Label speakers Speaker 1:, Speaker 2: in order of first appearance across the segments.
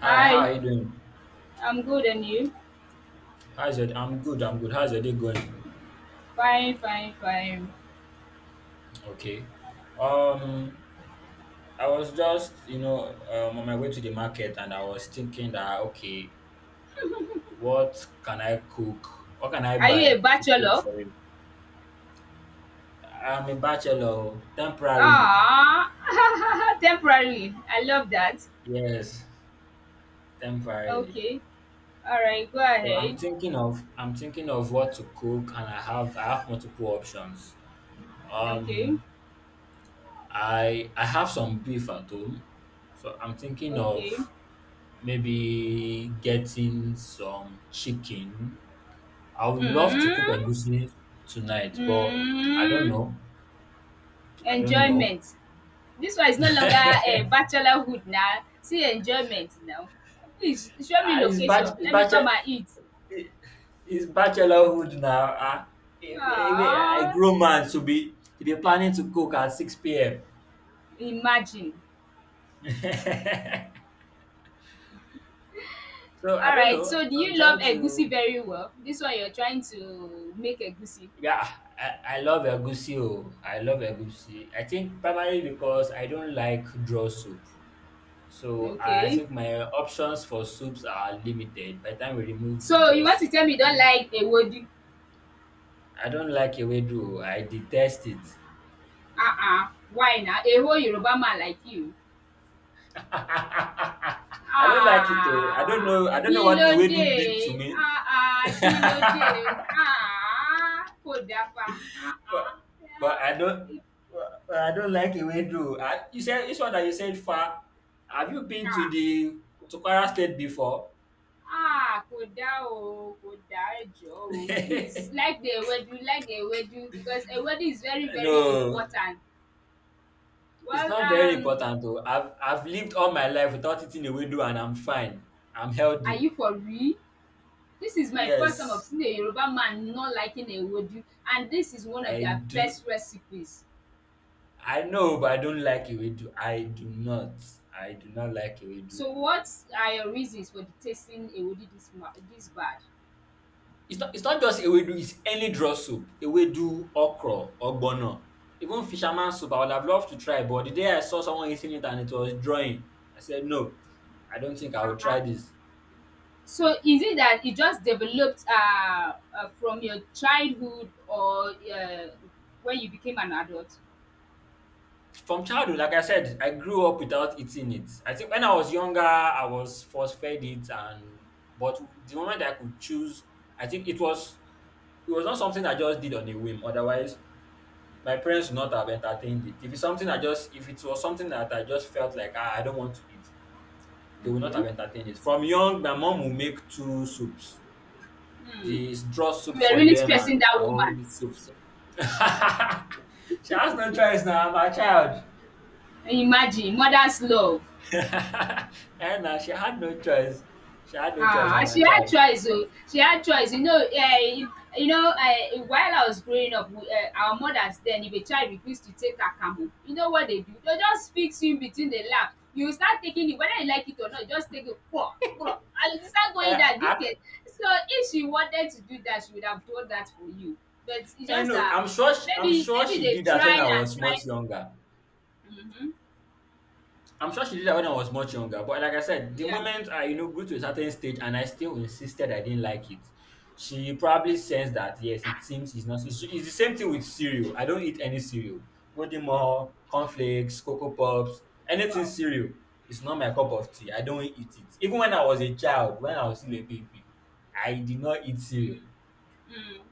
Speaker 1: Hi, how
Speaker 2: Hi,
Speaker 1: are you doing?
Speaker 2: I'm good and you?
Speaker 1: How's your I'm good, I'm good. How's your day going?
Speaker 2: Fine, fine, fine.
Speaker 1: Okay. Um, I was just, on my way to the market and I was thinking that, okay, what can I cook? What can I
Speaker 2: Are you a
Speaker 1: buy to cook
Speaker 2: bachelor?
Speaker 1: for you? I'm a bachelor, oh, temporarily.
Speaker 2: Ah, temporarily. I love that.
Speaker 1: Yes, temporarily.
Speaker 2: Okay. All right, go
Speaker 1: So I'm
Speaker 2: ahead.
Speaker 1: thinking of what to cook, and I have multiple options.
Speaker 2: Okay.
Speaker 1: Um I have some beef at home. So I'm thinking
Speaker 2: Okay.
Speaker 1: of maybe getting some chicken. I would love to cook
Speaker 2: Mm.
Speaker 1: egusi tonight, but I don't
Speaker 2: Mm.
Speaker 1: know. I don't know.
Speaker 2: Enjoyment. This one is no longer a bachelorhood now. See enjoyment now. Please show me
Speaker 1: Ah, it's
Speaker 2: location.
Speaker 1: it's
Speaker 2: Let me come
Speaker 1: bachelor,
Speaker 2: and eat.
Speaker 1: it's bachelorhood now. Ah, I
Speaker 2: Ah,
Speaker 1: grow man to be planning to cook at 6 p.m.
Speaker 2: imagine.
Speaker 1: So I don't
Speaker 2: Alright,
Speaker 1: know.
Speaker 2: so do
Speaker 1: I'm
Speaker 2: you love
Speaker 1: trying
Speaker 2: egusi
Speaker 1: to.
Speaker 2: very well? This one you're trying to make egusi.
Speaker 1: Yeah, I love egusi. Oh, I love egusi. I think primarily because I don't like draw soup. So I
Speaker 2: Okay.
Speaker 1: think my options for soups are limited. By the time we remove the
Speaker 2: So
Speaker 1: draw
Speaker 2: you want to
Speaker 1: soup,
Speaker 2: tell me you
Speaker 1: I
Speaker 2: don't
Speaker 1: don't.
Speaker 2: like ewedu?
Speaker 1: I don't like ewedu. I detest it.
Speaker 2: Why now? A whole Yoruba man like you.
Speaker 1: I don't like it, oh. I don't
Speaker 2: Ah!
Speaker 1: know. I don't know what ewedu
Speaker 2: Kílódé?
Speaker 1: did to me.
Speaker 2: Ah ah!
Speaker 1: but
Speaker 2: Kílódé? Ah! Kò dáa fa. Ah
Speaker 1: but
Speaker 2: ah!
Speaker 1: I don't. But I don't like ewedu. I, you said this one that you said far. Have you been to
Speaker 2: Ah!
Speaker 1: the to Kwara State before?
Speaker 2: Ah! Kò dáa o, kò dáa, ẹ jọ̀ọ́ o. Please like the ewedu because ewedu is very very
Speaker 1: No.
Speaker 2: important.
Speaker 1: It's
Speaker 2: Well,
Speaker 1: not very important though. I've lived all my life without eating a window, and I'm fine. I'm
Speaker 2: are
Speaker 1: healthy.
Speaker 2: you for real? This is my first time of
Speaker 1: Yes.
Speaker 2: seeing a Yoruba man not liking a ewedu, and this is one of
Speaker 1: I
Speaker 2: their
Speaker 1: do
Speaker 2: best recipes.
Speaker 1: I know, but I don't like ewedu. I do not. I do not like ewedu.
Speaker 2: So what are your reasons for detesting ewedu this bad?
Speaker 1: It's not just ewedu, it's any draw soup. Ewedu, okra, ogbono. Even fisherman soup, I would have loved to try, but the day I saw someone eating it and it was drawing, I said no, I don't think I
Speaker 2: Uh
Speaker 1: will try
Speaker 2: huh.
Speaker 1: this.
Speaker 2: So is it that it just developed from your childhood, or uh, when you became an adult?
Speaker 1: From childhood, like I said, I grew up without eating it. I think when I was younger, I was force fed it, and but the moment I could choose, I think it was not something I just did on a whim. Otherwise, my parents would not have entertained it. If it's something I just if it was something that I just felt like, ah, I don't want to eat, they would not
Speaker 2: Okay.
Speaker 1: have entertained it. From young, my mom will make two soups:
Speaker 2: Hmm.
Speaker 1: the draw soup
Speaker 2: You were
Speaker 1: for
Speaker 2: really
Speaker 1: them
Speaker 2: stressing
Speaker 1: and
Speaker 2: that
Speaker 1: my
Speaker 2: woman.
Speaker 1: own soup. She has no choice now. I'm a child.
Speaker 2: Imagine mother's love.
Speaker 1: Henna, she had no choice. She had no choice.
Speaker 2: Ah,
Speaker 1: I'm
Speaker 2: she
Speaker 1: a
Speaker 2: had
Speaker 1: child.
Speaker 2: choice oh, she had choice. You know while I was growing up we our mothers then, if a child refused to take her camel, you know what they do? They just fix you in between the lap. You start taking it whether you like it or not, just take it kwoa kwoa and you start going
Speaker 1: Eh,
Speaker 2: down. Do
Speaker 1: I,
Speaker 2: you— So if she wanted to do that, she would have done that for you. But it's just
Speaker 1: no,
Speaker 2: that
Speaker 1: I'm sure. I'm
Speaker 2: maybe
Speaker 1: sure
Speaker 2: maybe
Speaker 1: she
Speaker 2: they've
Speaker 1: did that when
Speaker 2: tried
Speaker 1: I
Speaker 2: and
Speaker 1: was much
Speaker 2: tried.
Speaker 1: younger.
Speaker 2: Mhm.
Speaker 1: I'm sure she did that when I was much younger, but like I said, the
Speaker 2: Yeah.
Speaker 1: moment I, you know, grew to a certain stage and I still insisted I didn't like it, she probably sensed that, yes, it seems it's not, it's the same thing with cereal. I don't eat any cereal. Golden cornflakes, Cocoa Pops, anything
Speaker 2: Wow.
Speaker 1: cereal. It's not my cup of tea. I don't eat it. Even when I was a child, when I was still a baby, I did not eat cereal.
Speaker 2: Mm.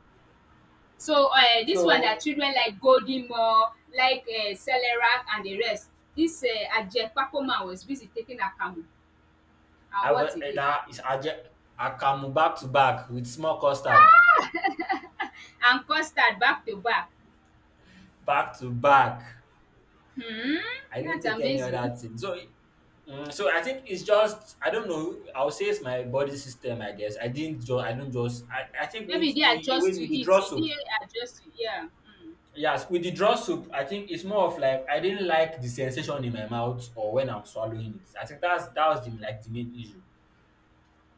Speaker 2: So dis one na
Speaker 1: So
Speaker 2: children like Goldie Moore, like Celerat and the rest. This Ajemakpa man was busy taking akamu
Speaker 1: I
Speaker 2: and
Speaker 1: was,
Speaker 2: what again,
Speaker 1: I come back to back with small custard,
Speaker 2: and custard back to back.
Speaker 1: back to back.
Speaker 2: Hmm.
Speaker 1: I didn't
Speaker 2: That's
Speaker 1: take any
Speaker 2: amazing.
Speaker 1: other thing. So, mm, so I think it's just, I don't know. I'll say it's my body system. I guess I didn't just I don't just I think
Speaker 2: Maybe
Speaker 1: with
Speaker 2: they didn't
Speaker 1: the
Speaker 2: adjust to
Speaker 1: with the draw
Speaker 2: it, you
Speaker 1: soup.
Speaker 2: didn't adjust to yeah.
Speaker 1: Yes, with the draw soup, I think it's more of like I didn't like the sensation in my mouth or when I'm swallowing it. I think that's that was the like the main issue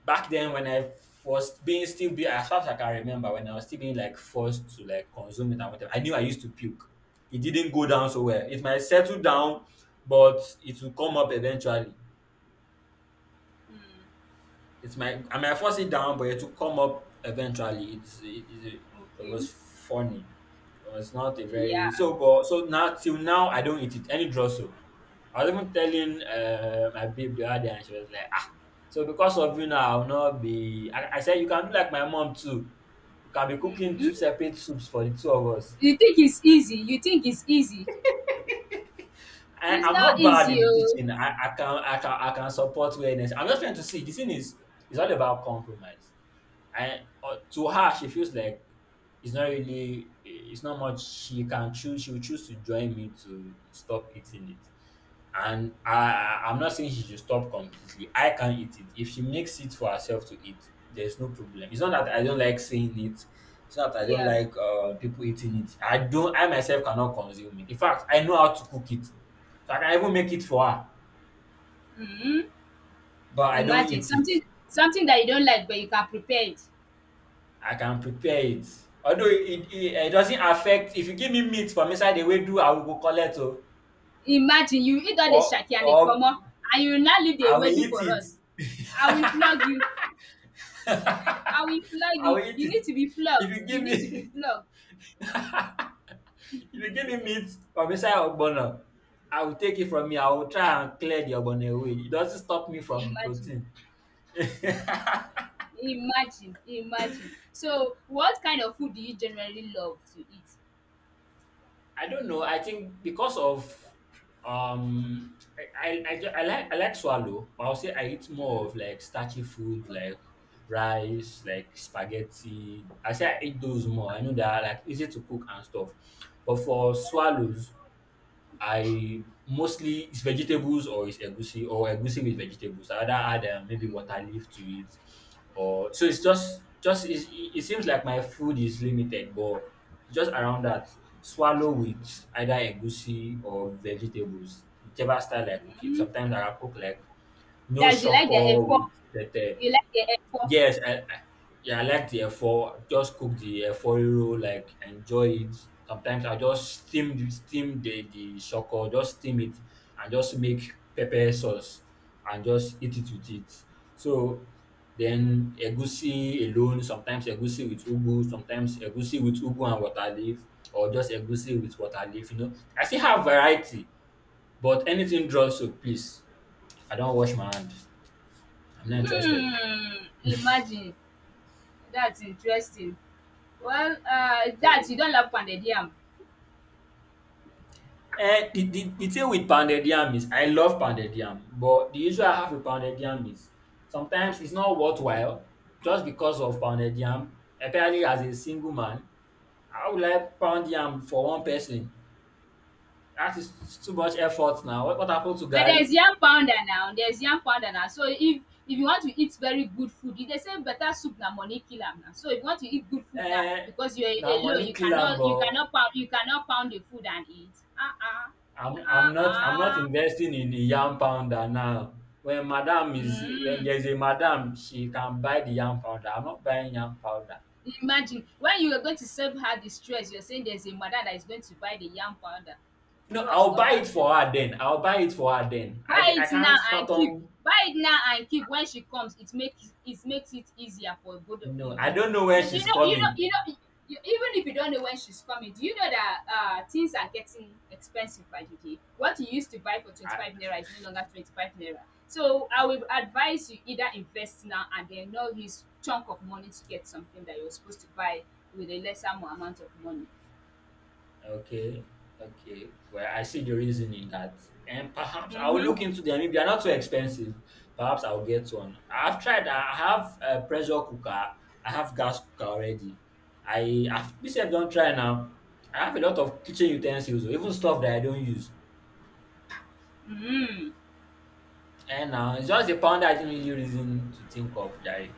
Speaker 1: back then when I was being still be as far as I can remember, when I was still being like forced to like consume it and whatever, I knew I used to puke. It didn't go down so well. It might settle down, but it will come up eventually.
Speaker 2: um
Speaker 1: It might I might force it down, but it will come up eventually. It
Speaker 2: Okay.
Speaker 1: was funny. It was not a very
Speaker 2: Yeah.
Speaker 1: so but so now, till now, I don't eat it, any draw soap. I was even telling, my babe the other day, and she was like, ah, so because of you now, I'll not be. I said, you can do like my mom too. You can be cooking
Speaker 2: Hmm.
Speaker 1: two separate soups for the two of us.
Speaker 2: You think it's easy, you think it's easy. It's
Speaker 1: I'm
Speaker 2: not
Speaker 1: not bad in
Speaker 2: easy
Speaker 1: the
Speaker 2: oh.
Speaker 1: kitchen. I can support wellness. I'm just trying to see. The thing is, it's all about compromise. And, to her, she feels like it's not really, it's not much she can choose. She will choose to join me to stop eating it. And I'm not saying she should stop completely. I can eat it. If she makes it for herself to eat, there's no problem. It's not that I don't like saying it. It's not that I don't
Speaker 2: Yeah.
Speaker 1: like people eating it. I don't. I myself cannot consume it. In fact, I know how to cook it, so I can even make it for her,
Speaker 2: Hmm.
Speaker 1: but I don't
Speaker 2: Imagine
Speaker 1: eat it.
Speaker 2: something something that you don't like but you can prepare it.
Speaker 1: I can prepare it. Although it doesn't affect, if you give me meat from inside the ewedu, I will go collect, oh,
Speaker 2: Imagine you eat all the shaki and the
Speaker 1: or
Speaker 2: kpomo and you now leave the
Speaker 1: I will
Speaker 2: ewedu for
Speaker 1: eat
Speaker 2: us.
Speaker 1: it.
Speaker 2: I will flog you, I
Speaker 1: I
Speaker 2: will flog
Speaker 1: will
Speaker 2: you,
Speaker 1: eat
Speaker 2: you
Speaker 1: it.
Speaker 2: need to be
Speaker 1: If
Speaker 2: flogged,
Speaker 1: you give
Speaker 2: you need to be
Speaker 1: me
Speaker 2: flogged.
Speaker 1: if you give me meat from inside ogbono, I will take it from you. I will try and clear the ogbono away. It doesn't stop me from the
Speaker 2: Imagine,
Speaker 1: protein.
Speaker 2: imagine, imagine. So what kind of food do you generally love to eat?
Speaker 1: I don't know. I think, because of I like swallow, but I'll say I eat more
Speaker 2: Mm.
Speaker 1: of like starchy food, like rice, like spaghetti. I say I eat those more. I know they are like easy to cook and stuff. But for swallows, I mostly, it's vegetables or it's egusi or egusi with vegetables. I either add, maybe water
Speaker 2: Mhm.
Speaker 1: leaf to it, or so it's just it, it seems like my food is limited, but just around that swallow with either egusi or vegetables, whichever style I cook it. Sometimes I cook like no
Speaker 2: That's— you like the
Speaker 1: shocker
Speaker 2: efo,
Speaker 1: with tete.
Speaker 2: you like the efo.
Speaker 1: Yes, I yeah, I like the efo. Just cook the efo riro, like, enjoy it. Sometimes I just steam the shoko, just steam it and just make pepper sauce and just eat it with it. So, then egusi alone, sometimes egusi with ugu, sometimes egusi with ugu and water leaf, or just egusi with water leaf, you know. I still have variety, but anything draw, so please. I don't wash my hand. I'm not interested.
Speaker 2: Hmm, imagine. That's interesting. Well that you don't love pounded yam.
Speaker 1: Eh, the thing with pounded yam is, I love pounded yam, but the issue I have with pounded yam is sometimes it's not worthwhile just because of pounded yam, especially as a single man. How will I pound yam for one person? That is too much effort now. What happened to
Speaker 2: But there's
Speaker 1: Gary?
Speaker 2: yam powder now, there's yam powder now. So if— if you want to eat very good food, e dey say better soup na money kill am na. So if you want to eat good food now,
Speaker 1: Eh,
Speaker 2: because you're
Speaker 1: now
Speaker 2: alone,
Speaker 1: money
Speaker 2: you
Speaker 1: kill am,
Speaker 2: cannot— you
Speaker 1: but
Speaker 2: cannot pound, you cannot pound the food and eat. Ah ah. Ah
Speaker 1: I'm not
Speaker 2: ah.
Speaker 1: investing in the yam pounder now. When
Speaker 2: Mm.
Speaker 1: there's a madam, she can buy the yam powder. I'm not buying yam powder.
Speaker 2: Imagine when you are going to serve her the stress, you're saying there's a mother that is going to buy the yam powder.
Speaker 1: No,
Speaker 2: Bro,
Speaker 1: I'll
Speaker 2: stop
Speaker 1: buy it
Speaker 2: that joke.
Speaker 1: for her then. I'll buy it for her then.
Speaker 2: Buy
Speaker 1: I
Speaker 2: it now
Speaker 1: can't
Speaker 2: and keep,
Speaker 1: fathom.
Speaker 2: buy it now and keep. When she comes, it makes it— makes it easier for both of you,
Speaker 1: No, I
Speaker 2: you know.
Speaker 1: don't know where
Speaker 2: But you
Speaker 1: she's
Speaker 2: know, you know,
Speaker 1: coming.
Speaker 2: you know, you, even if you don't know when she's coming, do you know that things are getting expensive by the day? What you used to buy for
Speaker 1: I,
Speaker 2: 25 naira is no longer 25 naira. So I will advise you either invest now and then not use chunk of money to get something that you're supposed to buy with a lesser amount of money.
Speaker 1: okay, okay. Well, I see the reason in that. And perhaps I'll look
Speaker 2: Mm-hmm.
Speaker 1: into them. If they're not too expensive, perhaps I'll get one. I've tried. I have a pressure cooker. I have gas cooker already. I have this. I don't try now. I have a lot of kitchen utensils, or even stuff that I don't use.
Speaker 2: Mm-hmm.
Speaker 1: And now it's just a pound I didn't really reason to think of, Jerry.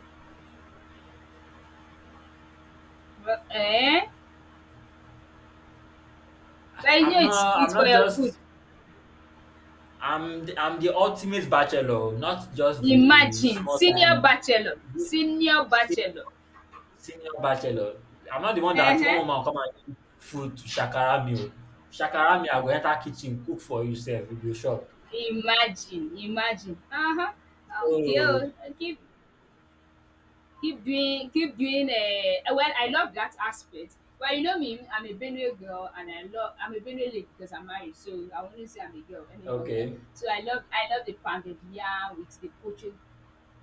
Speaker 2: Well, eh? But you
Speaker 1: I'm
Speaker 2: know, it's—
Speaker 1: not.
Speaker 2: it's for your good.
Speaker 1: I'm the ultimate bachelor, not just the
Speaker 2: Imagine,
Speaker 1: small
Speaker 2: senior
Speaker 1: time
Speaker 2: bachelor, senior
Speaker 1: se-
Speaker 2: bachelor.
Speaker 1: senior bachelor. I'm not the one that one
Speaker 2: Uh-huh.
Speaker 1: woman come and give food to shakara me, o. Shakara me, I go enter kitchen, cook for you sef, you go shop.
Speaker 2: Imagine, imagine. Uh-huh. Okay,
Speaker 1: Oh,
Speaker 2: oh, keep— keep doing, keep doing. Well, I love that aspect. Well, you know me, I'm a Benue girl, and I'm a Benue lady, because I'm married, so I wouldn't say I'm a girl any longer.
Speaker 1: okay,
Speaker 2: So I love the pounded yam with the poached.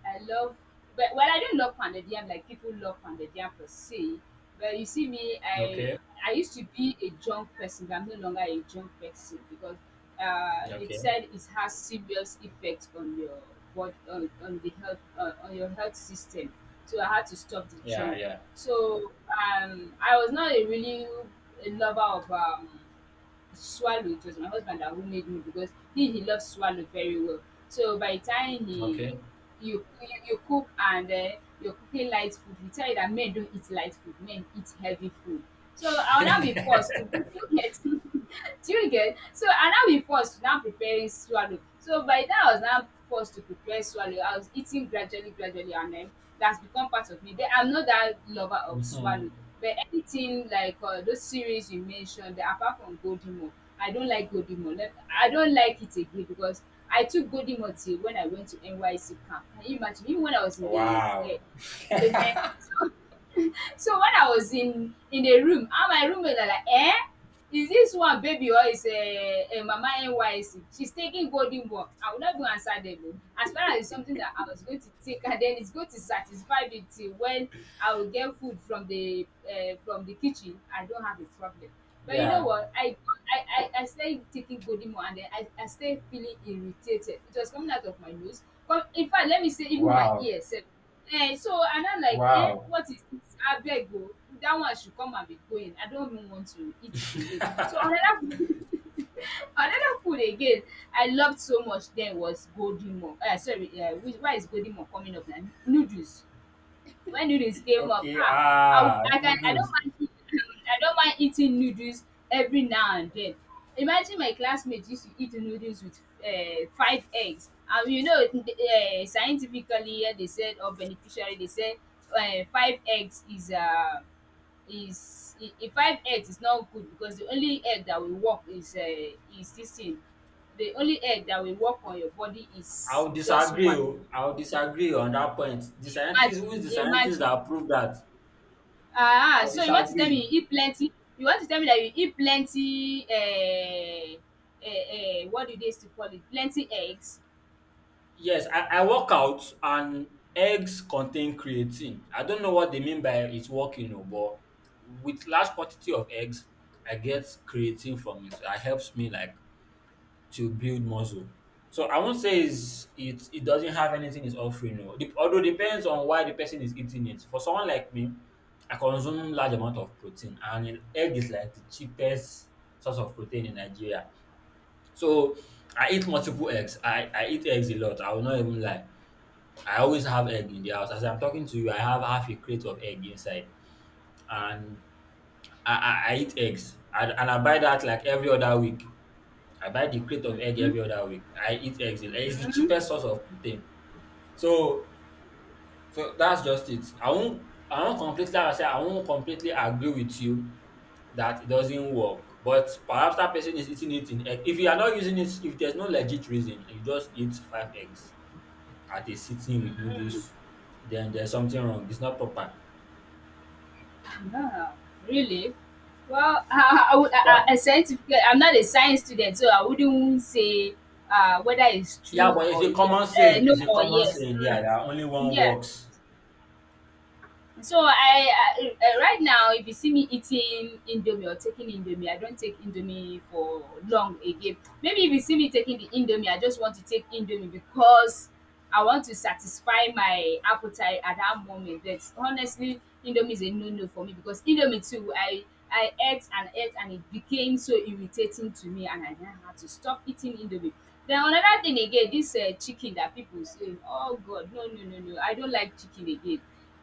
Speaker 2: I love— but well, I don't love pounded yam like people love pounded yam per se. But you see me,
Speaker 1: okay,
Speaker 2: I used to be a junk person, but I'm no longer a junk person because it
Speaker 1: okay,
Speaker 2: said it has serious effect on your— what— on the health, on your health system. So I had to stop the
Speaker 1: yeah,
Speaker 2: junk.
Speaker 1: yeah,
Speaker 2: So I was not a really— a lover of swallow. It was my husband that— who made me, because he loves swallow very well. So by the time he—
Speaker 1: okay.
Speaker 2: you, you cook and you're cooking light food. We tell you that men don't eat light food, men eat heavy food. So I'll now be forced to cook. Do you get? Do you get? So I now be forced to now preparing swallow. So by then, I was now forced to prepare swallow. I was eating gradually gradually, and then that's become part of me. Then I'm not that lover of
Speaker 1: Mhm.
Speaker 2: swallow, but anything like those series you mentioned, apart from Godimo, I don't like Godimo. Like, I don't like it again because I took Godimo till when I went to NYC camp. Can you imagine? Even when I was in the
Speaker 1: Wow,
Speaker 2: ehen. So, so when I was in the room, and my roommate are like, eh, is this one baby or is a mama NYC? She's taking golden one. I would not go answer them. O. As far as it's something that I was going to take, and then it's going to satisfy me till when I will get food from the kitchen, I don't have a problem. But you know
Speaker 1: yeah,
Speaker 2: what? I started taking golden one, and then I started feeling irritated. It was coming out of my nose. But in fact, let me say even my
Speaker 1: wow,
Speaker 2: ear. Sef, eh, so and I'm like, eh,
Speaker 1: wow.
Speaker 2: what is this? I beg, o, that one should come and be going. I don't even want to eat it again. So another food, another food again I loved so much then was golden mor. Eh, sorry, why is golden mor coming up now? Noodles— when noodles came up,
Speaker 1: Okay,
Speaker 2: ah,
Speaker 1: ah,
Speaker 2: I don't
Speaker 1: noodles.
Speaker 2: mind eating, I don't mind eating noodles every now and then. Imagine my classmates used to eat noodles with five eggs. And you know, scientifically, they said, or beneficially, they said five eggs is five eggs is not good, because the only egg that will work is this thing. The only egg that will work on your body is
Speaker 1: I'll
Speaker 2: just
Speaker 1: disagree,
Speaker 2: one.
Speaker 1: oh. I'll disagree on that point. The scientist,
Speaker 2: Imagine,
Speaker 1: who is the scientist
Speaker 2: imagine.
Speaker 1: that proved that?
Speaker 2: Ah, ah,
Speaker 1: I'll
Speaker 2: so you want to tell
Speaker 1: disagree.
Speaker 2: me you eat plenty— you want to tell me that you eat plenty what do they used to call it, plenty eggs?
Speaker 1: Yes, I work out, and eggs contain creatine. I don't know what they mean by it's working, oh, but with large quantity of eggs, I get creatine from it. That helps me like to build muscle. So I won't say it it doesn't have anything it's offering. No. Although, depends on why the person is eating it. For someone like me, I consume large amount of protein, and an egg is like the cheapest source of protein in Nigeria. So I eat multiple eggs. I eat eggs a lot. I will not even lie. I always have egg in the house. As I'm talking to you, I have half a crate of egg inside, and I eat eggs, and I buy that like every other week. I buy the crate of egg
Speaker 2: Mhm,
Speaker 1: every other week. I eat eggs. It's the
Speaker 2: mhm,
Speaker 1: cheapest source of protein. So, that's just it. I won't completely, like I say, I won't completely agree with you that it doesn't work. But perhaps that person is eating it in egg. If you are not using it, if there's no legit reason, you just eat five eggs at a sitting with
Speaker 2: mhm.
Speaker 1: noodles, then there's something wrong. It's not proper.
Speaker 2: Wow, really? Well, I
Speaker 1: Yeah.
Speaker 2: a scientific, I'm not a science student, so I wouldn't say whether it's
Speaker 1: Yeah,
Speaker 2: true
Speaker 1: but it's
Speaker 2: or
Speaker 1: a
Speaker 2: yes,
Speaker 1: common saying.
Speaker 2: no
Speaker 1: It's a
Speaker 2: or
Speaker 1: common
Speaker 2: yes.
Speaker 1: saying, yeah,
Speaker 2: Mm,
Speaker 1: that only one
Speaker 2: yeah.
Speaker 1: works.
Speaker 2: So I right now, if you see me eating indomie or taking indomie, I don't take indomie for long again. Maybe if you see me taking the indomie, I just want to take indomie because I want to satisfy my appetite at that moment. But honestly, indomie is a no-no for me because indomie too, I ate and ate, and it became so irritating to me, and I then had to stop eating indomie. Then another thing again, this chicken that people say, oh God, no no no no, I don't like chicken again.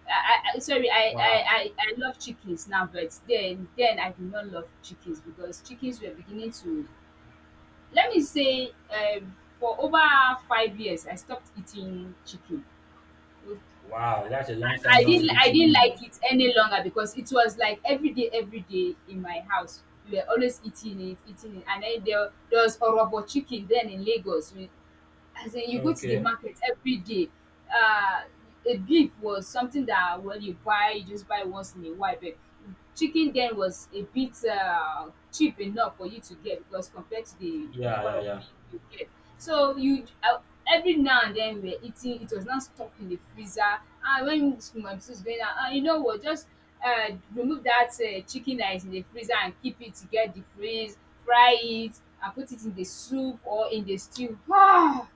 Speaker 2: I sorry,
Speaker 1: Wow.
Speaker 2: I love chickens now, but then I do not love chickens because chickens were beginning to— let me say for over 5 years I stopped eating chicken. I,
Speaker 1: Wow, that's a long time not to eat
Speaker 2: I didn't
Speaker 1: chicken,
Speaker 2: like it any longer because it was like every day in my house. We were always eating it, eating it. And there was Orobo chicken then in Lagos. We, as in
Speaker 1: oh.
Speaker 2: you go to the
Speaker 1: Okay.
Speaker 2: market every day. Uh, a beef was something that when you buy, you just buy once in a while. But chicken then was a bit cheap enough for you to get, because compared to the number
Speaker 1: Yeah,
Speaker 2: of
Speaker 1: yeah,
Speaker 2: beef you get. So you every now and then we were eating. It was not stuck in the freezer. And when my sister's going out, you know what? Just remove that chicken that is in the freezer and keep it to get the freeze, fry it and put it in the soup or in the stew. Ah,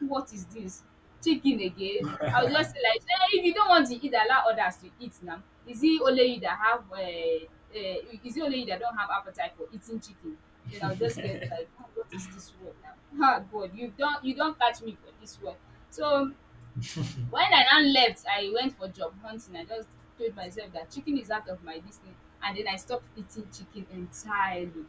Speaker 2: what is this? Chicken again? I will just like sey if you don't want to eat, allow others to eat now. Is it only you that have is it only you that don't have appetite for eating chicken? Then I will just get
Speaker 1: yeah.
Speaker 2: like, ah, what is this one now? Ah God, you don't catch me for this one. So when I now left I went for job hunting I just told myself that chicken is out of my this, and then I stopped eating chicken entirely.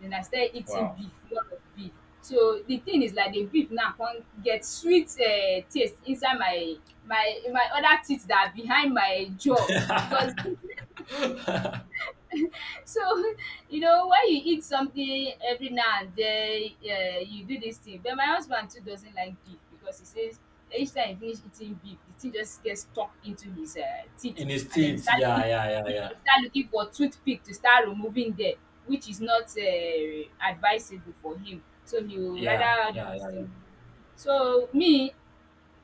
Speaker 2: Then I started eating
Speaker 1: Wow.
Speaker 2: beef, lot of beef. So the thing is like the beef now can get sweet taste inside my other teeth that are behind my jaw,
Speaker 1: In
Speaker 2: because it so, you know, why you eat something every now and then, you do this thing. But my husband too doesn't like beef because he says each time he finish eating beef, the thing just gets stuck into his teeth,
Speaker 1: the
Speaker 2: and then he
Speaker 1: States,
Speaker 2: start
Speaker 1: yeah,
Speaker 2: looking for
Speaker 1: yeah, yeah,
Speaker 2: he
Speaker 1: yeah.
Speaker 2: start looking for toothpick to start removing there, which is not advisable for him. So he will
Speaker 1: Yeah,
Speaker 2: rather do
Speaker 1: yeah,
Speaker 2: this
Speaker 1: yeah, yeah.
Speaker 2: thing. So me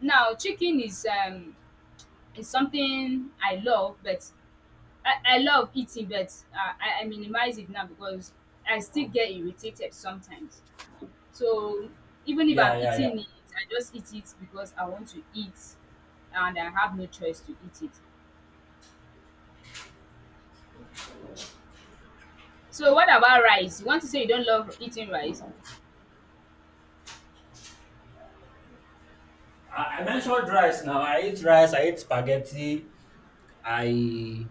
Speaker 2: now, chicken is something I love, but I love eating, but I minimize it now because I still get irritated sometimes. So even if
Speaker 1: Yeah,
Speaker 2: I'm
Speaker 1: yeah, yeah.
Speaker 2: eating it, I just eat it because I want to eat and I have no choice to eat it. So what about rice? You want to say you don't love eating rice?
Speaker 1: I mentioned rice now. I eat rice, I eat spaghetti, I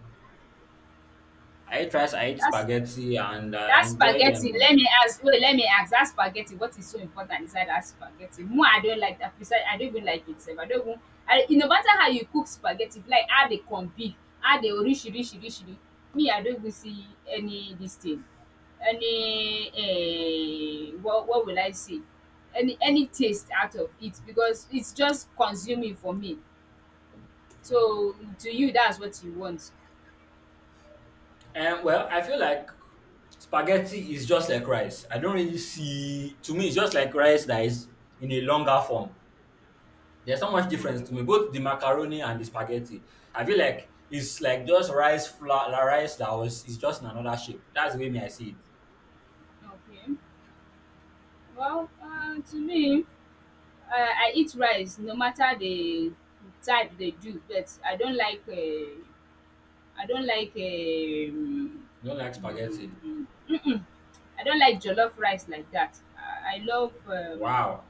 Speaker 1: I eat rice, I eat
Speaker 2: That's
Speaker 1: spaghetti and I
Speaker 2: That
Speaker 1: enjoy
Speaker 2: spaghetti,
Speaker 1: them.
Speaker 2: let me ask, that spaghetti, what is so important inside that spaghetti? More, I don't like that, besides I don't even like it sef. I don't even, I e no matter how you cook spaghetti, if like add the confit, add the orisirisi, me I don't even see any dis thing, any what will I say, any taste out of it because it's just consuming for me. So to you that's what you want.
Speaker 1: And, well, I feel like spaghetti is just like rice. I don't really see, to me it's just like rice that is in a longer form. There's not much difference
Speaker 2: Okay,
Speaker 1: to me. Both the macaroni and the spaghetti. I feel like it's like just rice, flour rice that was, it's just in another shape. That's the way me I see it.
Speaker 2: okay. Well, to me, Uh, I eat rice no matter the type they do, but I don't like I don't like um
Speaker 1: I don't like spaghetti.
Speaker 2: mm, mm-mm. I don't like jollof rice like that. I love
Speaker 1: Wow.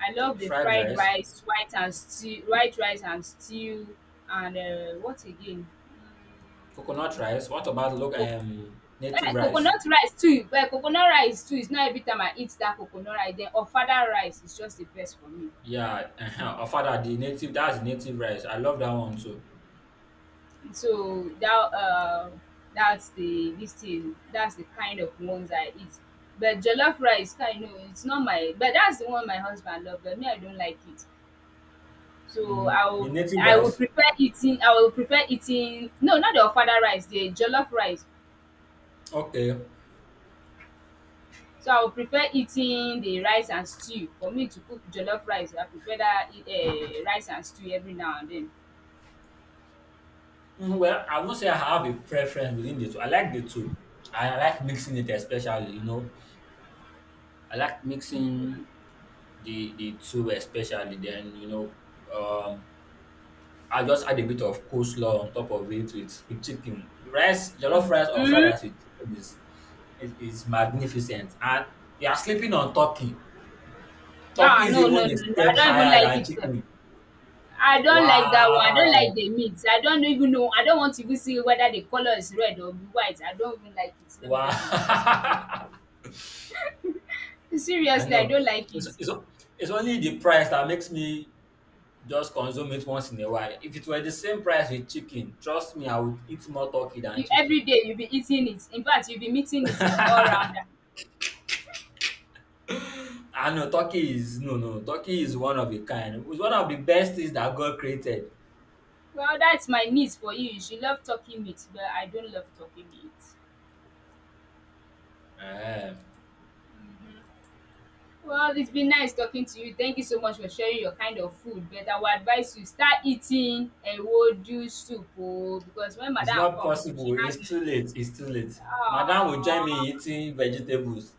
Speaker 2: I love the
Speaker 1: Fried
Speaker 2: fried
Speaker 1: rice,
Speaker 2: rice, white and stew, white rice and stew, and what again? Mm,
Speaker 1: coconut rice. What about, look,
Speaker 2: co-
Speaker 1: native
Speaker 2: eh,
Speaker 1: rice?
Speaker 2: coconut rice too. Well, coconut rice too. It's not every time I eat that coconut rice. Then ofada rice is just the best for me.
Speaker 1: Yeah, uh-huh. Our father, the native, that's the native rice. I love that one too.
Speaker 2: So that's the this thing. That's the kind of ones I eat. But jollof rice kind no, it's not my, but that's the one my husband love, but me I don't like it. So
Speaker 1: Hmm, the native
Speaker 2: I will
Speaker 1: rice.
Speaker 2: prefer eating I will prefer eating no, not the ofada rice, the jollof rice.
Speaker 1: Okay.
Speaker 2: So I will prefer eating the rice and stew. For me to cook jollof rice, I prefer that rice and stew every now and then.
Speaker 1: Mhm. Well, I won't say I have a preference within the two. I like the two. I like mixing it especially, you know. I like mixing the two especially. Then, you know, um, I just add a bit of coleslaw on top of it with chicken, rice, jollof
Speaker 2: Mm.
Speaker 1: rice or fried
Speaker 2: Mm.
Speaker 1: rice with chicken is magnificent. And you are sleeping on turkey.
Speaker 2: Ah,
Speaker 1: Turkey is
Speaker 2: no no
Speaker 1: even a
Speaker 2: no no I
Speaker 1: step
Speaker 2: don't even
Speaker 1: higher
Speaker 2: like
Speaker 1: than
Speaker 2: it sef.
Speaker 1: chicken.
Speaker 2: I don't like that one. I don't like
Speaker 1: Wow,
Speaker 2: the meat. I don't even know. I don't want to even see whether the color is red or white. I don't even like it. Let me just be honest with you.
Speaker 1: wow. I
Speaker 2: Seriously, I
Speaker 1: know.
Speaker 2: don't like
Speaker 1: It's,
Speaker 2: it.
Speaker 1: it's, it's only the price that makes me just consume it once in a while. If it were the same price with chicken, trust me, I would eat more turkey than
Speaker 2: You every
Speaker 1: chicken.
Speaker 2: day you'll be eating it. In fact, you'll be meeting it all round.
Speaker 1: I know turkey is, no, no, turkey is one of a kind. It's one of the best things that God created.
Speaker 2: Well, that's my niece for you. You should love talking meat, but I don't love talking meat.
Speaker 1: Ehen.
Speaker 2: Well, it's been nice talking to you. Thank you so much for sharing your kind of food. But I would advise you start eating a ewedu soup oh, because when
Speaker 1: It's
Speaker 2: madam
Speaker 1: not
Speaker 2: come,
Speaker 1: possible.
Speaker 2: she has
Speaker 1: It's
Speaker 2: no.
Speaker 1: too late. It's too late. Madam will join
Speaker 2: Aww.
Speaker 1: me in eating vegetables.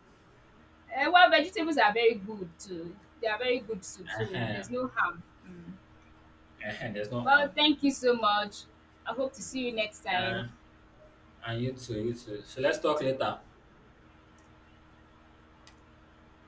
Speaker 2: Eh, well, vegetables are very good too. They are very good soup, so there's
Speaker 1: Ehen.
Speaker 2: no harm. Mm.
Speaker 1: Ehen. There's no
Speaker 2: Well,
Speaker 1: harm.
Speaker 2: thank you so much. I hope to see you next time.
Speaker 1: Yeah, and you too, you too. So let's talk later.